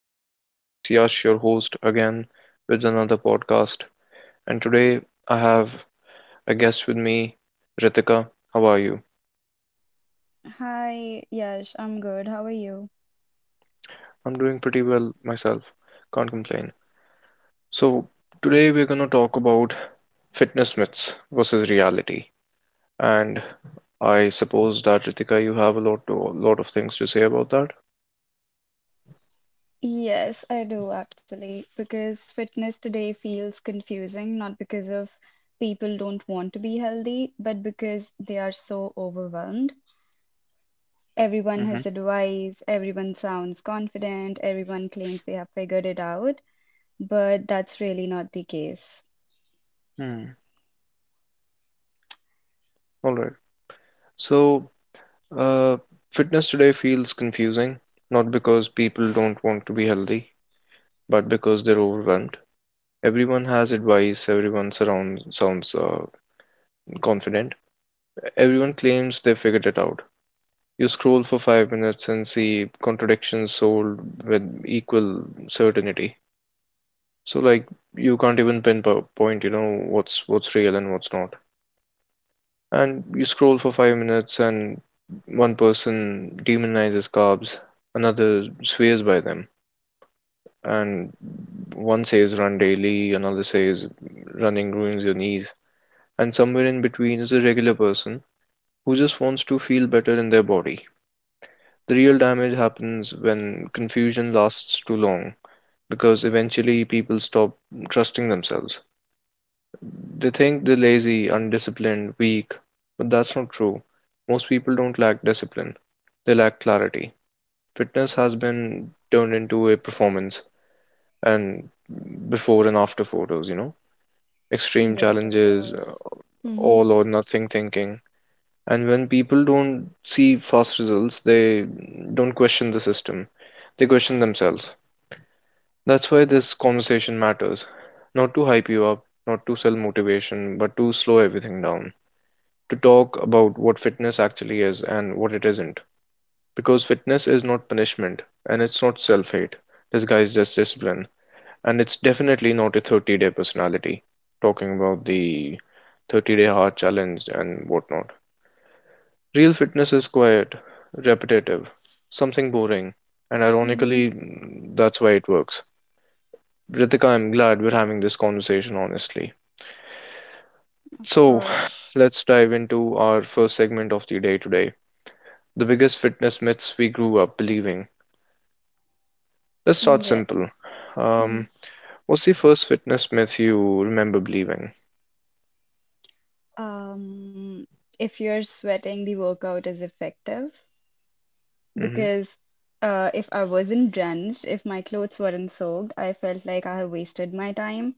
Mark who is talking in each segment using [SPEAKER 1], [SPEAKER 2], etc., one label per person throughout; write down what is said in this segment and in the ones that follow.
[SPEAKER 1] and it's Yash, your host, again with another podcast. And today I have a guest with me, Ritika. How are you?
[SPEAKER 2] Hi, Yash, I'm good. How are you?
[SPEAKER 1] I'm doing pretty well myself, can't complain. So, today we're gonna talk about fitness myths versus reality. And I suppose that, Ritika, you have lot of things to say about that.
[SPEAKER 2] Yes, I do actually, because fitness today feels confusing, not because of people don't want to be healthy, but because they are so overwhelmed. Everyone has advice, everyone sounds confident, everyone claims they have figured it out, but that's really not the case.
[SPEAKER 1] Mm-hmm. All right. So, Uh, fitness today feels confusing, not because people don't want to be healthy, but because they're overwhelmed. Everyone has advice, sounds confident, everyone claims they figured it out. You scroll for 5 minutes and see contradictions sold with equal certainty. So, like, you can't even pinpoint, what's real and what's not. And you scroll for 5 minutes, and one person demonizes carbs, another swears by them, and one says run daily, another says running ruins your knees, and somewhere in between is a regular person who just wants to feel better in their body. The real damage happens when confusion lasts too long because eventually people stop trusting themselves. They think they're lazy, undisciplined, weak, but that's not true. Most people don't lack discipline, they lack clarity. Fitness has been turned into a performance and before and after photos, you know, extreme
[SPEAKER 2] Yes, of
[SPEAKER 1] challenges,
[SPEAKER 2] course. Mm-hmm.
[SPEAKER 1] all or nothing thinking. And when people don't see fast results, they don't question the system, they question themselves. That's why this conversation matters. Not to hype you up, not to sell motivation, but to slow everything down. To talk about what fitness actually is and what it isn't. Because fitness is not punishment and it's not self hate. Disguised as discipline. And it's definitely not a 30-day personality, talking about the 30-day hard challenge and whatnot. Real fitness is quiet, repetitive, something boring, and
[SPEAKER 2] Mm-hmm.
[SPEAKER 1] ironically, that's why it works. Ritika, I'm glad we're having this conversation, honestly.
[SPEAKER 2] Of
[SPEAKER 1] So,
[SPEAKER 2] course.
[SPEAKER 1] let's dive into our first segment of the day today, the biggest fitness myths we grew up believing. Let's start
[SPEAKER 2] Mm, yeah.
[SPEAKER 1] simple. Um,
[SPEAKER 2] Mm.
[SPEAKER 1] what's the first fitness myth you remember believing?
[SPEAKER 2] Um, if you're sweating, the workout is effective
[SPEAKER 1] Hmm.
[SPEAKER 2] because if I wasn't drenched, if my clothes weren't soaked, I felt like I have wasted my time.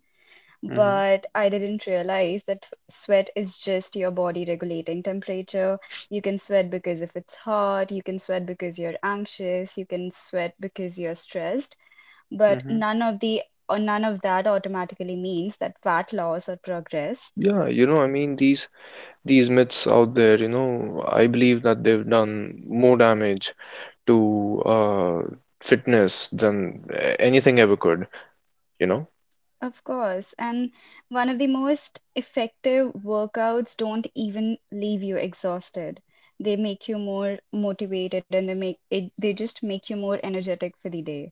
[SPEAKER 1] Hmm.
[SPEAKER 2] But I didn't realize that sweat is just your body regulating temperature. You can sweat because if it's hot, you can sweat because you're anxious, you can sweat because you're stressed. But
[SPEAKER 1] Hmm.
[SPEAKER 2] none of that automatically means that fat loss or progress.
[SPEAKER 1] Yeah, you know, I mean these myths out there, you know, I believe that they've done more damage to fitness than anything ever could, you know?
[SPEAKER 2] Of course. And one of the most effective workouts don't even leave you exhausted. They make you more motivated and they just make you more energetic for the day.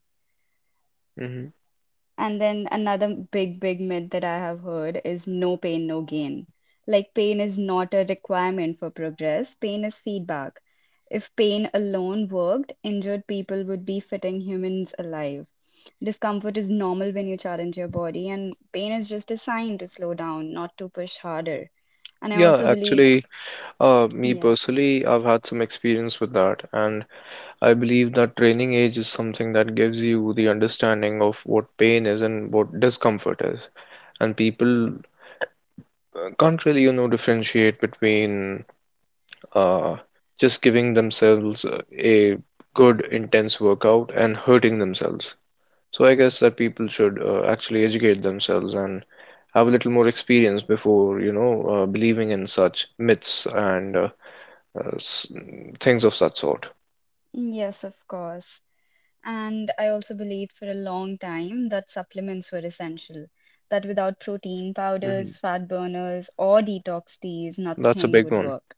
[SPEAKER 1] Hmm.
[SPEAKER 2] And then another big, big myth that I have heard is no pain, no gain. Like, pain is not a requirement for progress, pain is feedback. If pain alone worked, injured people would be fitting humans alive. Discomfort is normal when you challenge your body, and pain is just a sign to slow down, not to push harder. And I
[SPEAKER 1] Yeah,
[SPEAKER 2] also believe,
[SPEAKER 1] actually, me
[SPEAKER 2] yeah,
[SPEAKER 1] personally, I've had some experience with that, and I believe that training age is something that gives you the understanding of what pain is and what discomfort is. And people can't really, you know, differentiate between uh, just giving themselves a good, intense workout and hurting themselves. So I guess that people should actually educate themselves and have a little more experience before, you know, believing in such myths and uh, s- things of such sort.
[SPEAKER 2] yes, of course. And I also believed for a long time that supplements were essential, that without protein powders,
[SPEAKER 1] Hmm.
[SPEAKER 2] fat burners, or detox teas,
[SPEAKER 1] That's a
[SPEAKER 2] nothing
[SPEAKER 1] big
[SPEAKER 2] would
[SPEAKER 1] one.
[SPEAKER 2] work.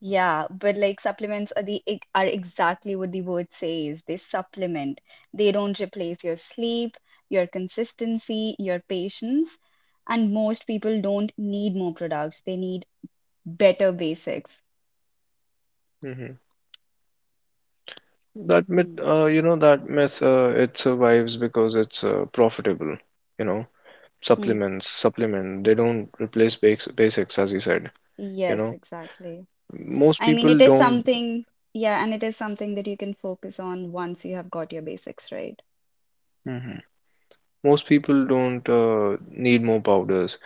[SPEAKER 2] Yeah, but like supplements are exactly what the word says. They supplement. They don't replace your sleep, your consistency, your patience. And most people don't need more products. They need better basics.
[SPEAKER 1] Hmm. That
[SPEAKER 2] Hmm.
[SPEAKER 1] myth, it survives because it's profitable. You know,
[SPEAKER 2] Hmm.
[SPEAKER 1] supplements, supplement. They don't replace basics, as you said. You
[SPEAKER 2] Yes,
[SPEAKER 1] know,
[SPEAKER 2] exactly.
[SPEAKER 1] most
[SPEAKER 2] I mean, it
[SPEAKER 1] people
[SPEAKER 2] is
[SPEAKER 1] don't.
[SPEAKER 2] something, yeah, and it is something that you can focus on once you have got your basics right.
[SPEAKER 1] Mhm. Most people don't need more powders.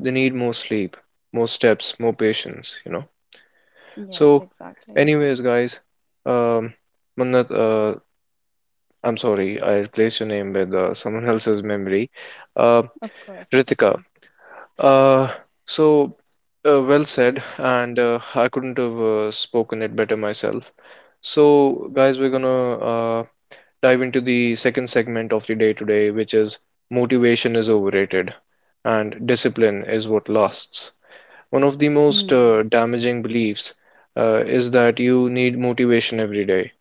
[SPEAKER 1] They need more sleep, more steps, more patience. You know.
[SPEAKER 2] Yes,
[SPEAKER 1] So,
[SPEAKER 2] exactly.
[SPEAKER 1] anyways, guys, um, Mannat, I'm sorry, I replaced your name with someone else's memory. Uh,
[SPEAKER 2] Of course, it's
[SPEAKER 1] Ritika,
[SPEAKER 2] okay.
[SPEAKER 1] Uh, so well said, and I couldn't have spoken it better myself. So, guys, we're gonna dive into the second segment of the day today, which is motivation is overrated and discipline is what lasts. One of the most
[SPEAKER 2] Hmm.
[SPEAKER 1] damaging beliefs is that you need motivation every day.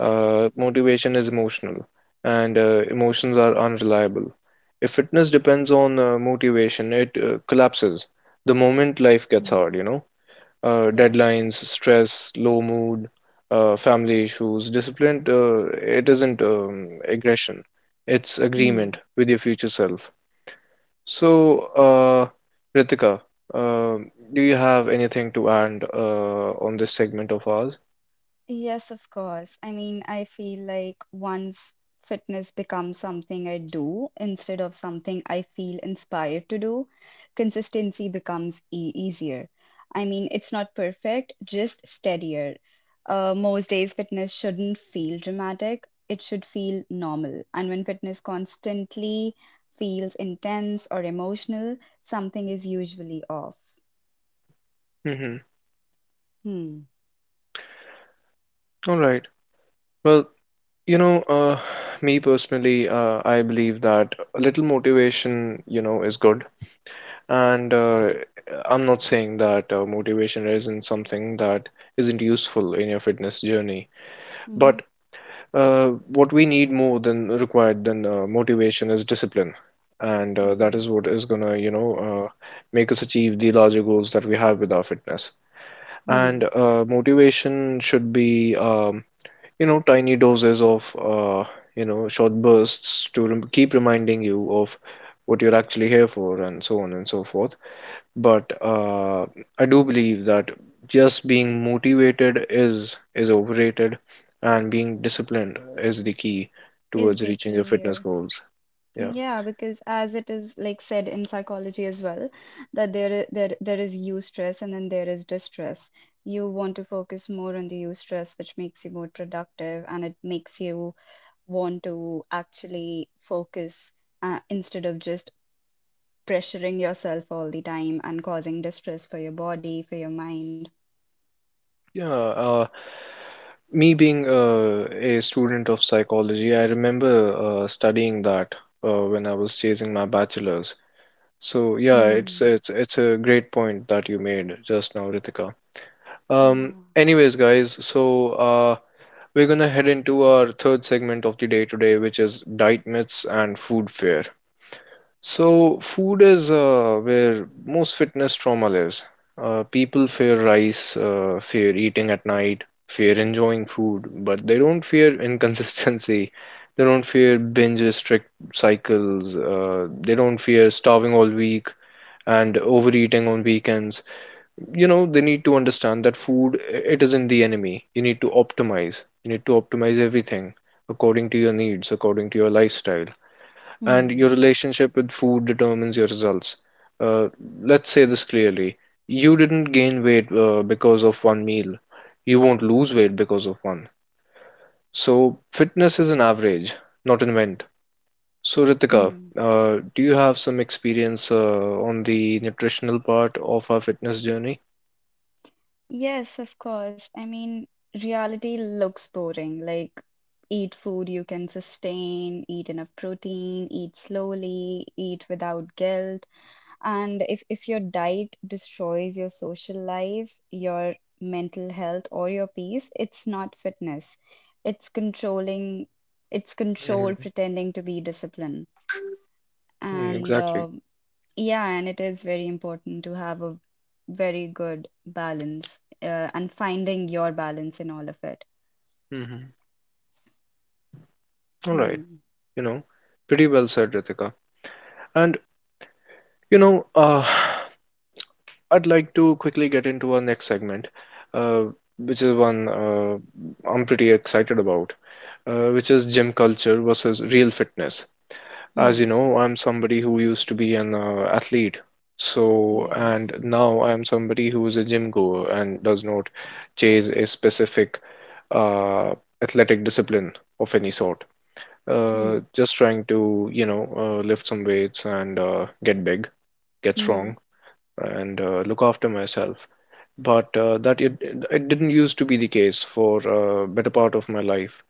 [SPEAKER 1] Motivation is emotional, and emotions are unreliable. If fitness depends on motivation, it collapses the moment life gets
[SPEAKER 2] Hmm.
[SPEAKER 1] hard, you know.
[SPEAKER 2] Yes.
[SPEAKER 1] Deadlines, stress, low mood, family issues. Discipline, it isn't aggression, it's agreement
[SPEAKER 2] Hmm.
[SPEAKER 1] with your future self. So, Ritika, uh, do you have anything to add on this segment of ours?
[SPEAKER 2] Yes, of course. I mean, I feel like once fitness becomes something I do instead of something I feel inspired to do, consistency becomes e easier. I mean, it's not perfect, just steadier. Most days, fitness shouldn't feel dramatic, it should feel normal. And when fitness constantly feels intense or emotional, something is usually off.
[SPEAKER 1] Mm-hmm.
[SPEAKER 2] Hmm.
[SPEAKER 1] All right. Well, you know, me personally, I believe that a little motivation, you know, is good. And I'm not saying that motivation isn't something that isn't useful in your fitness journey.
[SPEAKER 2] Mm-hmm.
[SPEAKER 1] But what we need more than motivation is discipline. And that
[SPEAKER 2] Hmm.
[SPEAKER 1] is what is gonna, you know, make us achieve the larger goals that we have with our fitness.
[SPEAKER 2] Hmm.
[SPEAKER 1] And motivation should be you know, tiny doses of you know, short bursts to keep reminding you of what you're actually here for and so on and so forth, but I do believe that just being motivated is overrated and being disciplined is the key
[SPEAKER 2] Is
[SPEAKER 1] towards reaching your
[SPEAKER 2] DK
[SPEAKER 1] fitness
[SPEAKER 2] here?
[SPEAKER 1] goals. Yeah.
[SPEAKER 2] Yeah, because as it is like said in psychology as well, that there I- there is eustress and then there is distress. You want to focus more on the eustress, which makes you more productive and it makes you want to actually focus instead of just pressuring yourself all the time and causing distress for your body, for your mind.
[SPEAKER 1] Yeah. uh, Me being a student of psychology, I remember studying that when I was chasing my bachelor's. So yeah, it's
[SPEAKER 2] Hmm.
[SPEAKER 1] it's it's a great point that you made just now, Ritika.
[SPEAKER 2] Yeah.
[SPEAKER 1] Anyways, guys, so we're gonna head into our third segment of the day today, which is diet myths and food fear. So food is where most fitness trauma lives. People fear rice, fear eating at night, fear enjoying food, but they don't fear inconsistency. They don't fear binge restrict cycles. They don't fear starving all week and overeating on weekends. You know, they need to understand that food, it isn't the enemy. You need to optimize you need to optimize everything according to your needs, according to your lifestyle, and your
[SPEAKER 2] Hmm.
[SPEAKER 1] relationship with food determines your results. uh, let's say this clearly: you didn't gain weight because of one meal, you won't lose weight because of one. So fitness is an average, not an event. So, Ritika,
[SPEAKER 2] Hmm.
[SPEAKER 1] do you have some experience on the nutritional part of our fitness journey?
[SPEAKER 2] Yes, of course. I mean, reality looks boring. Like, eat food you can sustain, eat enough protein, eat slowly, eat without guilt. And if your diet destroys your social life, your mental health, or your peace, it's not fitness. It's controlling, it's control
[SPEAKER 1] Hmm.
[SPEAKER 2] pretending to be discipline. And
[SPEAKER 1] Exactly.
[SPEAKER 2] yeah, and it is very important to have a very good balance and finding your balance in all of it.
[SPEAKER 1] Hmm. All right.
[SPEAKER 2] Hmm.
[SPEAKER 1] You know, pretty well said, Ritika. And you know, I'd like to quickly get into our next segment, uh, which is one I'm pretty excited about, which is gym culture versus real fitness. As
[SPEAKER 2] Hmm.
[SPEAKER 1] you know, I'm somebody who used to be an athlete. So, and
[SPEAKER 2] Yes.
[SPEAKER 1] now I'm somebody who is a gym goer and does not chase a specific uh, athletic discipline of any sort.
[SPEAKER 2] Hmm.
[SPEAKER 1] Just trying to, you know, lift some weights and get big, get
[SPEAKER 2] Hmm.
[SPEAKER 1] strong, and look after myself. But it didn't used to be the case for better part of my life.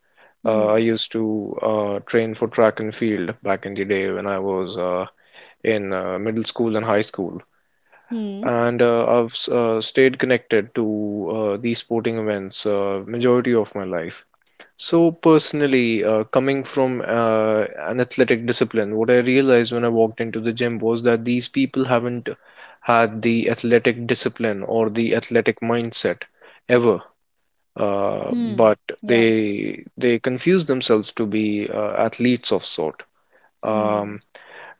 [SPEAKER 1] I
[SPEAKER 2] Hmm.
[SPEAKER 1] used to train for track and field back in the day when I was in middle school and high school.
[SPEAKER 2] Hmm.
[SPEAKER 1] And I've stayed connected to these sporting events majority of my life. So personally, coming from an athletic discipline, what I realized when I walked into the gym was that these people haven't had the athletic discipline or the athletic mindset ever. Uh,
[SPEAKER 2] Hmm.
[SPEAKER 1] but
[SPEAKER 2] Yeah.
[SPEAKER 1] they they confuse themselves to be athletes of sort. Um,
[SPEAKER 2] Hmm.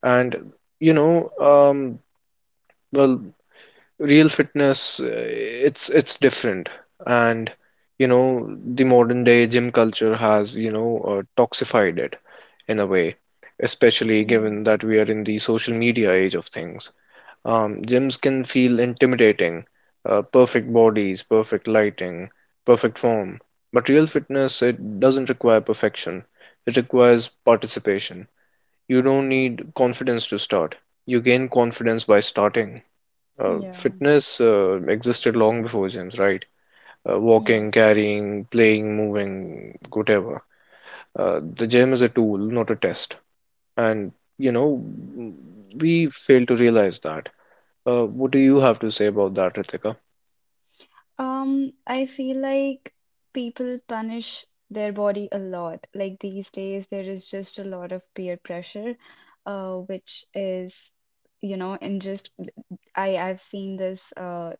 [SPEAKER 1] and you know, well, Real fitness, it's different, and you know, the modern day gym culture has, you know, toxified it in a way, especially
[SPEAKER 2] Hmm.
[SPEAKER 1] given that we are in the social media age of things. Gyms can feel intimidating. Perfect bodies, perfect lighting, perfect form, but real fitness, it doesn't require perfection, it requires participation. You don't need confidence to start, you gain confidence by starting.
[SPEAKER 2] Yeah.
[SPEAKER 1] Fitness existed long before gyms, right? Walking,
[SPEAKER 2] Yes.
[SPEAKER 1] carrying, playing, moving, whatever. The gym is a tool, not a test. And, you know, we fail to realize that. What do you have to say about that, Ritika?
[SPEAKER 2] I feel like people punish their body a lot. Like these days, there is just a lot of peer pressure, which is, you know, and just I've seen this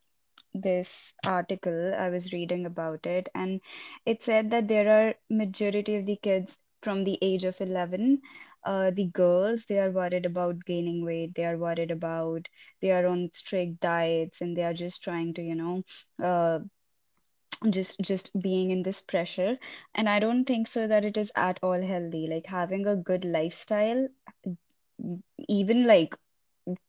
[SPEAKER 2] this article I was reading about it, and it said that there are majority of the kids from the age of 11. The girls, they are worried about gaining weight, they are worried about they are on strict diets, and they are just trying to, you know, uh, just being in this pressure. And I don't think so that it is at all healthy. Like having a good lifestyle, even like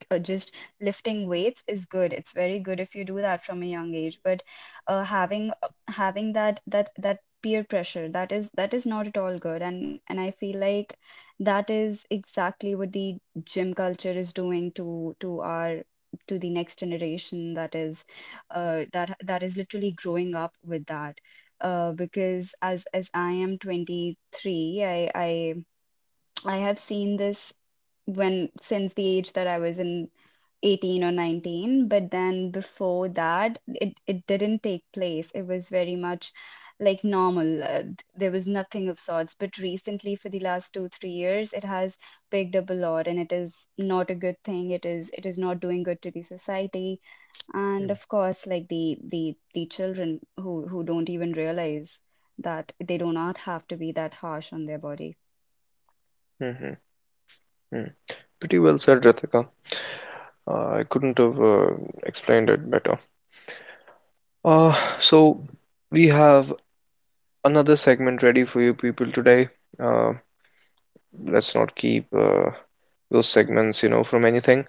[SPEAKER 2] just lifting weights is good, it's very good if you do that from a young age. But having that peer pressure, that is not at all good. And I feel like that is exactly what the gym culture is doing to our, to the next generation, that is literally growing up with that, because as I am 23, I have seen this. When Since the age that I was in 18 or 19, but then before that it didn't take place. It was very much like normal. There was nothing of sorts, but recently for the last 2-3 years it has picked up a lot, and it is not a good thing. It is, it is not doing good to the society. And of course, like the children, who don't even realize that they do not have to be that harsh on their body.
[SPEAKER 1] Mm-hmm. Pretty well said, Ritika. I couldn't have explained it better. So we have another segment ready for you people today. Uh, let's not keep those segments, you know, from anything.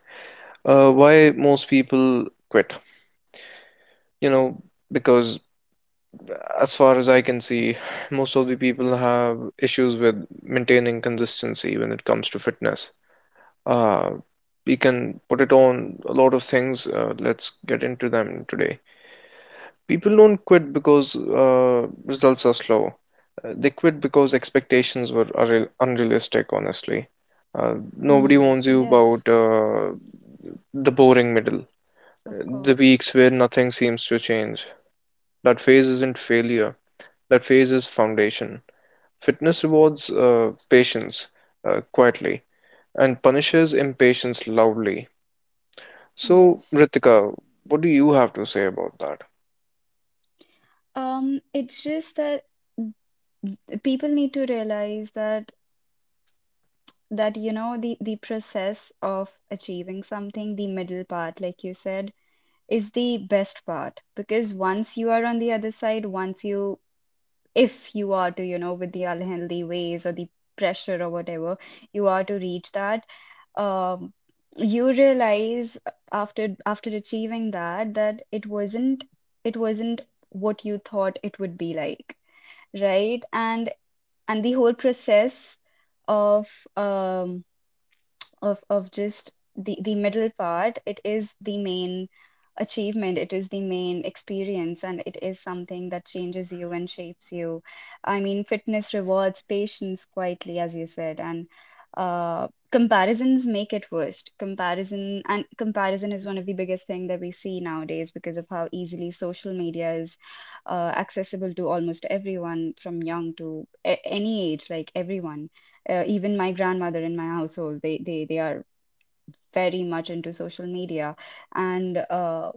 [SPEAKER 1] Why most people quit? You know, because, as far as I can see, most of the people have issues with maintaining consistency when it comes to fitness. uh, we can put it on a lot of things. Let's get into them today. People don't quit because uh, results are slow. They quit because expectations were unrealistic, honestly. uh, Nobody
[SPEAKER 2] Mm,
[SPEAKER 1] warns you about
[SPEAKER 2] yes.
[SPEAKER 1] the boring middle,
[SPEAKER 2] Of
[SPEAKER 1] uh, the
[SPEAKER 2] course.
[SPEAKER 1] weeks where nothing seems to change. That phase isn't failure. That phase is foundation. Fitness rewards patience quietly and punishes impatience loudly. So,
[SPEAKER 2] Yes.
[SPEAKER 1] Ritika, what do you have to say about that?
[SPEAKER 2] It's just that people need to realize that you know, the process of achieving something, the middle part, like you said, is the best part. Because once you are on the other side, once you, if you are to, you know, with the unhealthy ways or the pressure or whatever, you are to reach that, um, you realize after achieving that, that it wasn't, it wasn't what you thought it would be like, right? And the whole process of, um, of just the middle part, it is the main achievement, it is the main experience, and it is something that changes you and shapes you. I mean, fitness rewards patience quietly, as you said. And comparisons make it worst. Comparison is one of the biggest thing that we see nowadays, because of how easily social media is accessible to almost everyone from young to any age, like everyone. Even my grandmother in my household, they are very much into social media. And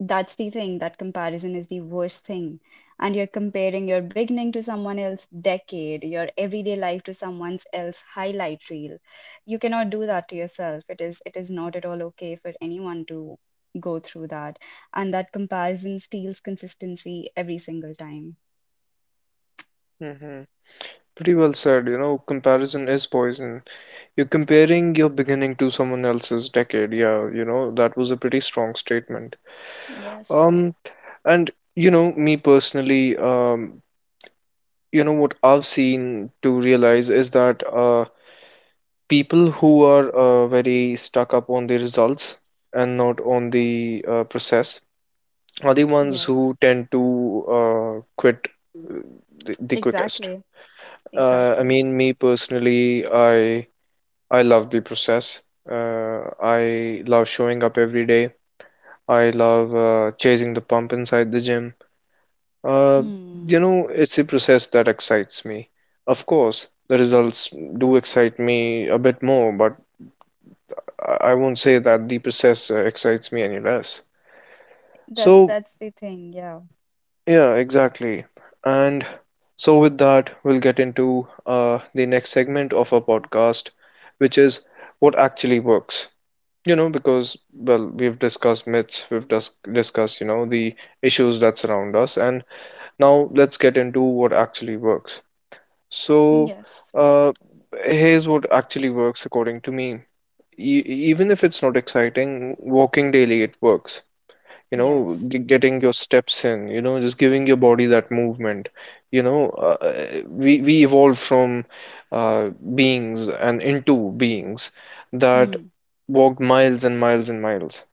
[SPEAKER 2] that's the thing, that comparison is the worst thing. And you're comparing your beginning to someone else's decade, your everyday life to someone else's highlight reel. You cannot do that to yourself. It is, it is not at all okay for anyone to go through that. And that comparison steals consistency every single time.
[SPEAKER 1] Hmm. Pretty well said. You know, comparison is poison. You're comparing your beginning to someone else's decade. Yeah, you know, that was a pretty strong statement.
[SPEAKER 2] Yes,
[SPEAKER 1] Um, and you know, me personally, you know, what I've seen to realize is that people who are very stuck up on the results and not on the process are the ones who
[SPEAKER 2] yes,
[SPEAKER 1] tend to quit uh, the quickest.
[SPEAKER 2] exactly,
[SPEAKER 1] I
[SPEAKER 2] exactly.
[SPEAKER 1] mean, me personally, I love the process. I love showing up every day. I love chasing the pump inside the gym. Uh, you
[SPEAKER 2] Hmm.
[SPEAKER 1] know, it's a process that excites me. Of course, the results do excite me a bit more, but I won't say that the process excites me any less. So,
[SPEAKER 2] That's the thing, yeah.
[SPEAKER 1] yeah, exactly. And so, with that, we'll get into the next segment of our podcast, which is what actually works. You know, because, well, we've discussed myths, we've discussed, you know, the issues that surround us, and now let's get into what actually works. So,
[SPEAKER 2] Yes.
[SPEAKER 1] uh, here's what actually works according to me. E- Even if it's not exciting, walking daily, it works. You know,
[SPEAKER 2] Yes.
[SPEAKER 1] getting your steps in, you know, just giving your body that movement. you know uh, we evolved from, uh, beings, and into beings that
[SPEAKER 2] Hmm.
[SPEAKER 1] walked miles and miles and miles.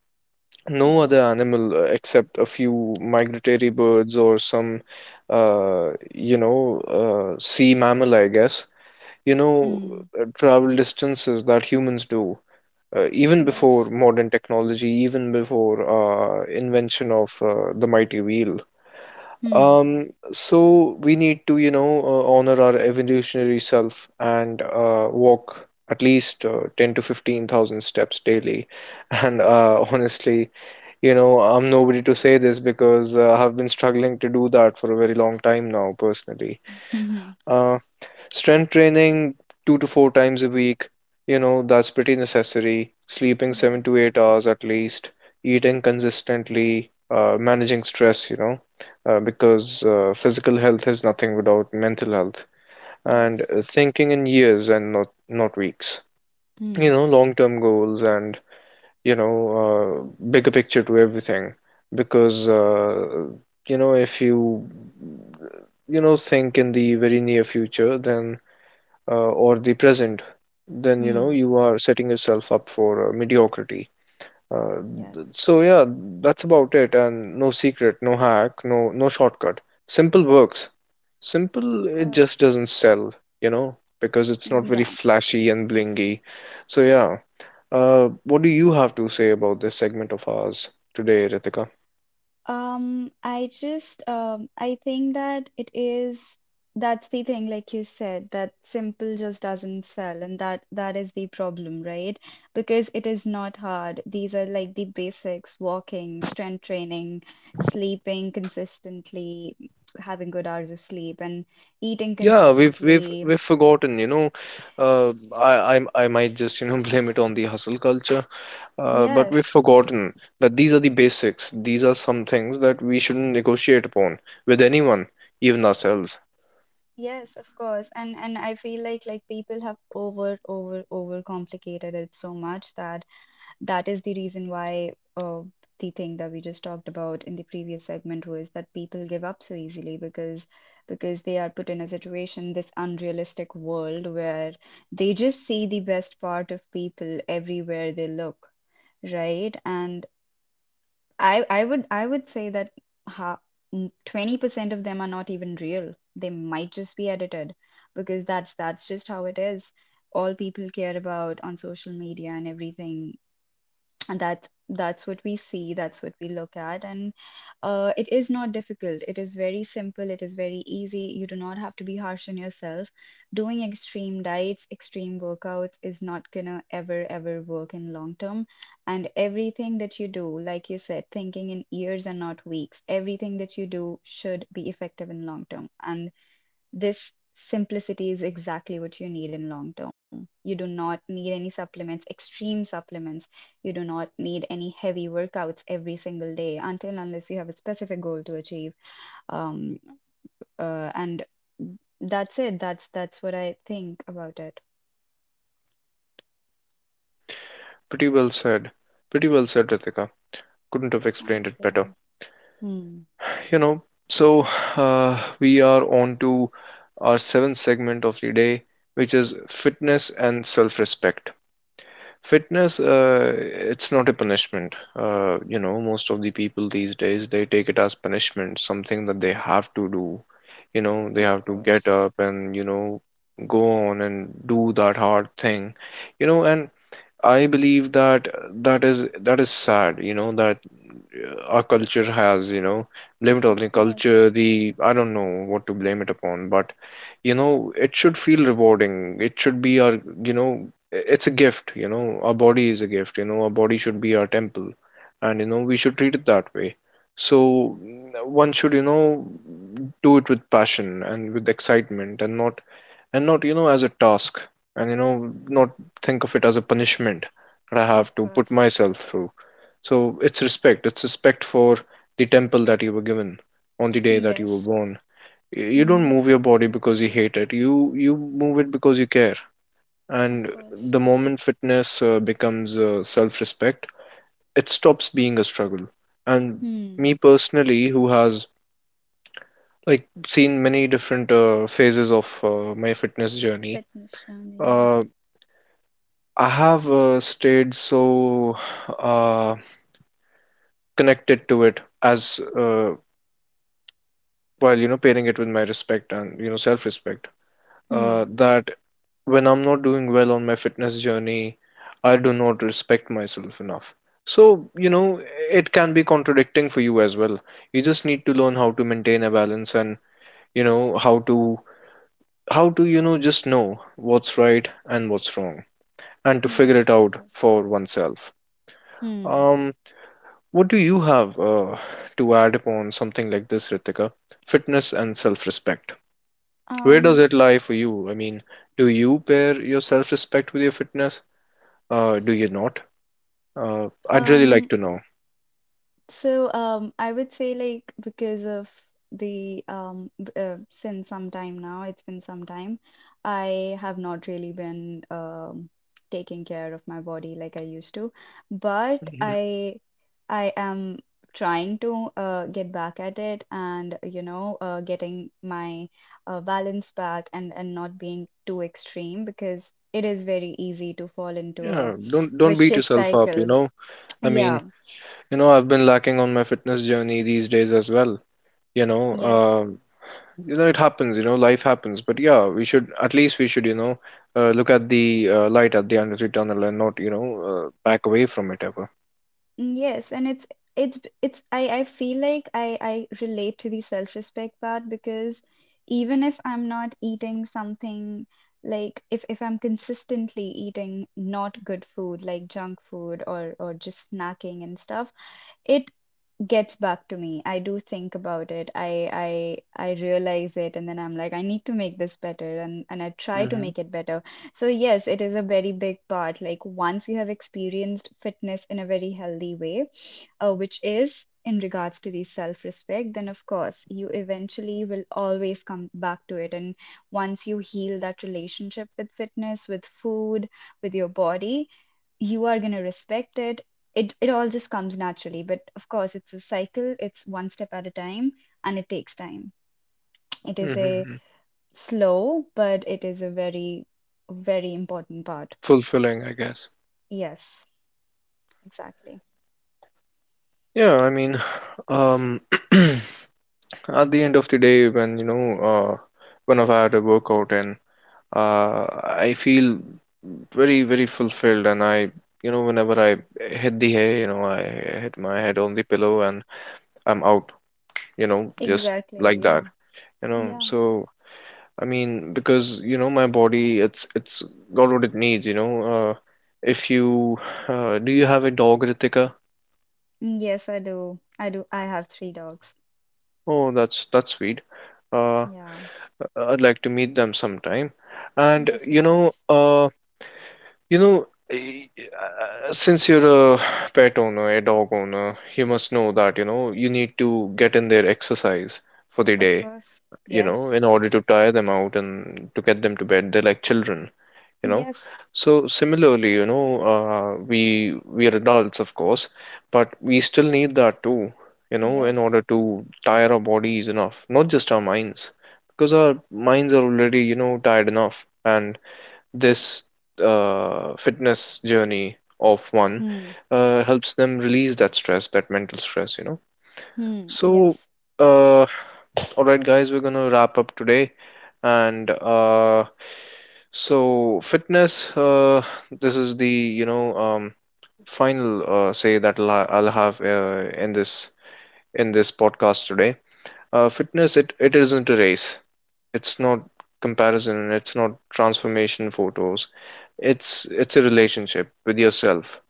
[SPEAKER 1] No other
[SPEAKER 2] Yes.
[SPEAKER 1] animal, except a few migratory birds or some, uh, you know sea mammal, I guess, you know,
[SPEAKER 2] Hmm.
[SPEAKER 1] travel distances that humans do, even before
[SPEAKER 2] Yes.
[SPEAKER 1] modern technology, even before invention of the mighty wheel.
[SPEAKER 2] Hmm.
[SPEAKER 1] So we need to, you know, honor our evolutionary self and walk at least 10 to 15,000 steps daily. And honestly, you know, I'm nobody to say this because I've been struggling to do that for a very long time now, personally.
[SPEAKER 2] Hmm.
[SPEAKER 1] Uh, Strength training 2 to 4 times a week, you know, that's pretty necessary. Sleeping seven to
[SPEAKER 2] Yes.
[SPEAKER 1] eight hours at least, eating consistently, managing stress, you know, because physical health is nothing without mental health, and
[SPEAKER 2] Yes.
[SPEAKER 1] thinking in years and not weeks.
[SPEAKER 2] Hmm.
[SPEAKER 1] You know, long-term goals and, you know, bigger picture to everything, because you know, if you, you know, think in the very near future, then or the present, then you know
[SPEAKER 2] Hmm.
[SPEAKER 1] you are setting yourself up for mediocrity. Uh, th-
[SPEAKER 2] Yes.
[SPEAKER 1] so yeah, that's about it. And no secret, no hack, no shortcut. Simple works.
[SPEAKER 2] Of
[SPEAKER 1] Simple, it just
[SPEAKER 2] course.
[SPEAKER 1] doesn't sell, you know, because it's
[SPEAKER 2] Mm,
[SPEAKER 1] not very
[SPEAKER 2] yeah.
[SPEAKER 1] flashy and blingy. So yeah, what do you have to say about this segment of ours today, Ritika?
[SPEAKER 2] I think that it is, that's the thing, like you said, that simple just doesn't sell, and that is the problem, right? Because it is not hard. These are like the basics: walking, strength training, sleeping consistently, having good hours of sleep, and eating
[SPEAKER 1] Yeah,
[SPEAKER 2] consistently.
[SPEAKER 1] we've forgotten, you know. I might just, you know, blame it on the hustle culture. But we've
[SPEAKER 2] Yes.
[SPEAKER 1] forgotten that these are the basics. These are some things that we shouldn't negotiate upon with anyone, even ourselves.
[SPEAKER 2] Yes, of course. And I feel like, people have over complicated it so much, that that is the reason why. The thing that we just talked about in the previous segment was that people give up so easily because they are put in a situation, this unrealistic world, where they just see the best part of people everywhere they look, right? And I would say that, ha, 20% of them are not even real, they might just be edited, because that's just how it is. All people care about on social media and everything, and that's what we see, that's what we look at. And it is not difficult, it is very simple, it is very easy. You do not have to be harsh on yourself. Doing extreme diets, extreme workouts is not gonna ever, ever work in long term. And everything that you do, like you said, thinking in years and not weeks, everything that you do should be effective in long term. And this simplicity is exactly what you need in long term. You do not need any supplements, extreme supplements. You do not need any heavy workouts every single day, until unless you have a specific goal to achieve. Um, and that's it. That's what I think about it.
[SPEAKER 1] Hmm. Pretty well said. Pretty well said, Ritika. Couldn't have
[SPEAKER 2] Thank
[SPEAKER 1] explained it better.
[SPEAKER 2] you. Hmm.
[SPEAKER 1] You know, so we are on to our seventh segment of the day, which is fitness and self-respect. Fitness, it's not a punishment. You know, most of the people these days they take it as punishment, something that they have to do. You know, they
[SPEAKER 2] Of
[SPEAKER 1] have to get
[SPEAKER 2] course.
[SPEAKER 1] up and, you know, go on and do that hard thing. You know, and I believe that that is sad, you know, that our culture has, you know, blame it on
[SPEAKER 2] Of
[SPEAKER 1] the
[SPEAKER 2] course.
[SPEAKER 1] culture, the I don't know what to blame it upon, but you know it should feel rewarding, it should be our, you know, it's a gift, you know, our body is a gift, you know, our body should be our temple, and you know we should treat it that way. So, n- one should, you know, do it with passion and with excitement, and not, you know, as a task, and you know, not think of it as a punishment that I have
[SPEAKER 2] Of
[SPEAKER 1] to put
[SPEAKER 2] course.
[SPEAKER 1] myself through. So, it's respect, it's respect for the temple that you were given on the day that you were
[SPEAKER 2] Yes.
[SPEAKER 1] born. You don't
[SPEAKER 2] Mm-hmm.
[SPEAKER 1] move your body because you hate it, you move it because you care,
[SPEAKER 2] Of
[SPEAKER 1] and
[SPEAKER 2] course.
[SPEAKER 1] the moment fitness becomes self-respect, it stops being a struggle. And
[SPEAKER 2] Hmm.
[SPEAKER 1] me personally, who has like seen many different phases of my fitness journey,
[SPEAKER 2] Fitness journey. Yeah.
[SPEAKER 1] uh, I have stayed so uh, connected to it as, while you know pairing it with my respect and you know self-respect,
[SPEAKER 2] Hmm.
[SPEAKER 1] that when I'm not doing well on my fitness journey, I do not respect myself enough. So, you know, it can be contradicting for you as well. You just need to learn how to maintain a balance and, you know, how to, you know, just know what's right and what's wrong, and to figure
[SPEAKER 2] Yes,
[SPEAKER 1] it
[SPEAKER 2] of
[SPEAKER 1] out
[SPEAKER 2] course.
[SPEAKER 1] for oneself.
[SPEAKER 2] Hmm.
[SPEAKER 1] Um, what do you have to add upon something like this, Ritika? Fitness and self-respect. Where does
[SPEAKER 2] Um.
[SPEAKER 1] it lie for you? I mean, do you pair your self-respect with your fitness? Do you not? I'd really like
[SPEAKER 2] Um,
[SPEAKER 1] to know.
[SPEAKER 2] I would say, like, because of since some time now, it's been some time, I have not really been taking care of my body like I used to, but
[SPEAKER 1] Mhm.
[SPEAKER 2] I am trying to get back at it and you know getting my balance back, and not being too extreme, because it is very easy to fall into a
[SPEAKER 1] Yeah, don't beat
[SPEAKER 2] vicious
[SPEAKER 1] yourself up, you
[SPEAKER 2] cycle.
[SPEAKER 1] know. I mean,
[SPEAKER 2] Yeah.
[SPEAKER 1] you know, I've been lacking on my fitness journey these days as well. You know,
[SPEAKER 2] Yes.
[SPEAKER 1] uh, you know, it happens. You know, life happens. But yeah, we should at least, we should, you know, look at the light at the end of the tunnel, and not, you know, back away from it ever.
[SPEAKER 2] Mm, yes, and it's I feel like I relate to the self-respect part, because even if I'm not eating something, like if I'm consistently eating not good food, like junk food or just snacking and stuff, it gets back to me. I do think about it. I realize it, and then I'm like, I need to make this better, and I try to
[SPEAKER 1] Mm-hmm.
[SPEAKER 2] make it better. So yes, it is a very big part. Like once you have experienced fitness in a very healthy way, which is in regards to the self-respect, then of course you eventually will always come back to it. And once you heal that relationship with fitness, with food, with your body, you are going to respect it. It all just comes naturally. But of course, it's a cycle, it's one step at a time, and it takes time. It is a
[SPEAKER 1] Mm-hmm.
[SPEAKER 2] slow, but it is a very, very important part.
[SPEAKER 1] Fulfilling, I guess.
[SPEAKER 2] Yes, exactly,
[SPEAKER 1] Yeah, I mean, um, at the end of the day, when, you know, uh, when I had a workout, and I feel very, very fulfilled. And I, you know, whenever I hit the hay, you know, I hit my head on the pillow and I'm out, you know, just like
[SPEAKER 2] exactly.
[SPEAKER 1] that,
[SPEAKER 2] Yeah.
[SPEAKER 1] you know.
[SPEAKER 2] Yeah.
[SPEAKER 1] So, I mean, because, you know, my body, it's got what it needs, you know. If you, Do you have a dog, Ritika?
[SPEAKER 2] Mm, yes, I do, I do, I have 3 dogs.
[SPEAKER 1] Oh, that's sweet. Uh,
[SPEAKER 2] Yeah.
[SPEAKER 1] I'd like to meet them sometime. And
[SPEAKER 2] Yes,
[SPEAKER 1] you
[SPEAKER 2] of
[SPEAKER 1] know,
[SPEAKER 2] course.
[SPEAKER 1] you know, eh, since you're a pet owner, a dog owner, you must know that, you know, you need to get in their exercise for the
[SPEAKER 2] Of
[SPEAKER 1] day,
[SPEAKER 2] course.
[SPEAKER 1] you know,
[SPEAKER 2] Yes.
[SPEAKER 1] in order to tire them out and to get them to bed. They're like children, you know.
[SPEAKER 2] Yes.
[SPEAKER 1] So similarly, you know, we are adults, of course, but we still need that too, you know, in
[SPEAKER 2] Yes.
[SPEAKER 1] order to tire our bodies enough, not just our minds, because our minds are already, you know, tired enough. And this fitness journey of one
[SPEAKER 2] Hmm.
[SPEAKER 1] helps them release that stress, that mental stress, you know.
[SPEAKER 2] Hmm.
[SPEAKER 1] So,
[SPEAKER 2] Yes,
[SPEAKER 1] uh, all right, guys, we're gonna wrap up today, and so fitness. This is the, you know, final say that I'll have in this podcast today. Fitness, it isn't a race. It's not comparison, and it's not transformation photos. It's a relationship with yourself.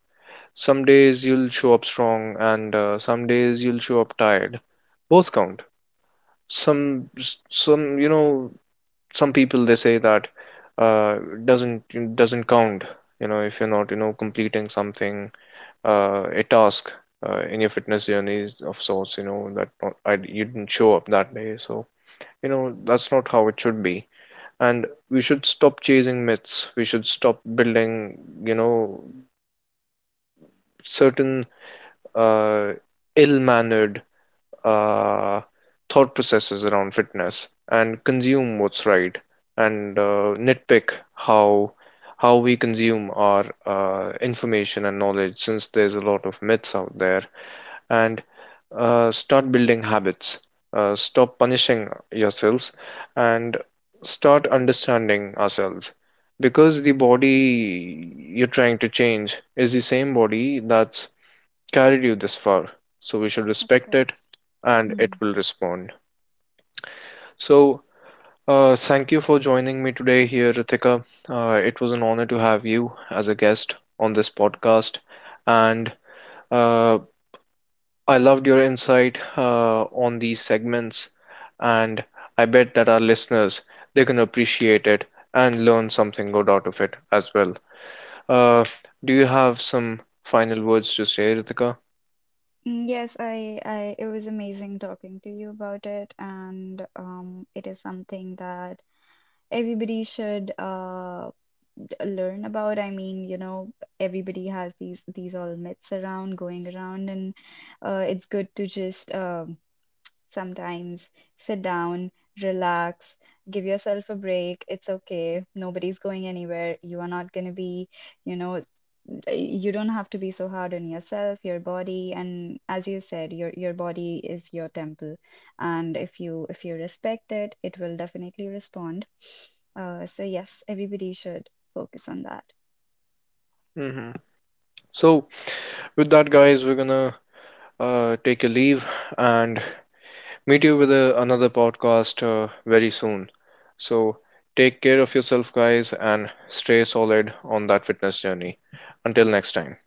[SPEAKER 1] Some days you'll show up strong, and some days you'll show up tired. Both count. Some some you know, some people, they say that uh, doesn't doesn't count, you know, if you're not, you know, completing something, a task, in your fitness journeys of sorts, you know, that not, I, you didn't show up that day, so you know that's not how it should be. And we should stop chasing myths, we should stop building, you know, certain uh, ill-mannered uh, thought processes around fitness, and consume what's right, and nitpick how we consume our information and knowledge, since there's a lot of myths out there, and start building habits, stop punishing yourselves, and start understanding ourselves, because the body you're trying to change is the same body that's carried you this far. So we should
[SPEAKER 2] of
[SPEAKER 1] respect it,
[SPEAKER 2] course.
[SPEAKER 1] and it
[SPEAKER 2] Hmm.
[SPEAKER 1] will respond. So, thank you for joining me today here, Ritika. It was an honor to have you as a guest on this podcast. And uh, I loved your insight on these segments. And I bet that our listeners, they can appreciate it and learn something good out of it as well. Uh, do you have some final words to say, Ritika?
[SPEAKER 2] Mm, yes. It was amazing talking to you about it, and it is something that everybody should learn about. I mean, you know, everybody has these all myths around going around, and it's good to just sometimes sit down, relax, give yourself a break. It's okay. Nobody's going anywhere. You are not going to be, you know, you don't have to be so hard on yourself, your body, and as you said, your body is your temple. And if you, if you respect it, it will definitely respond. So yes, everybody should focus on that.
[SPEAKER 1] Hmm. So, with that, guys, we're gonna take a leave and meet you with a, another podcast very soon. So take care of yourself, guys, and stay solid on that fitness journey. Until next time.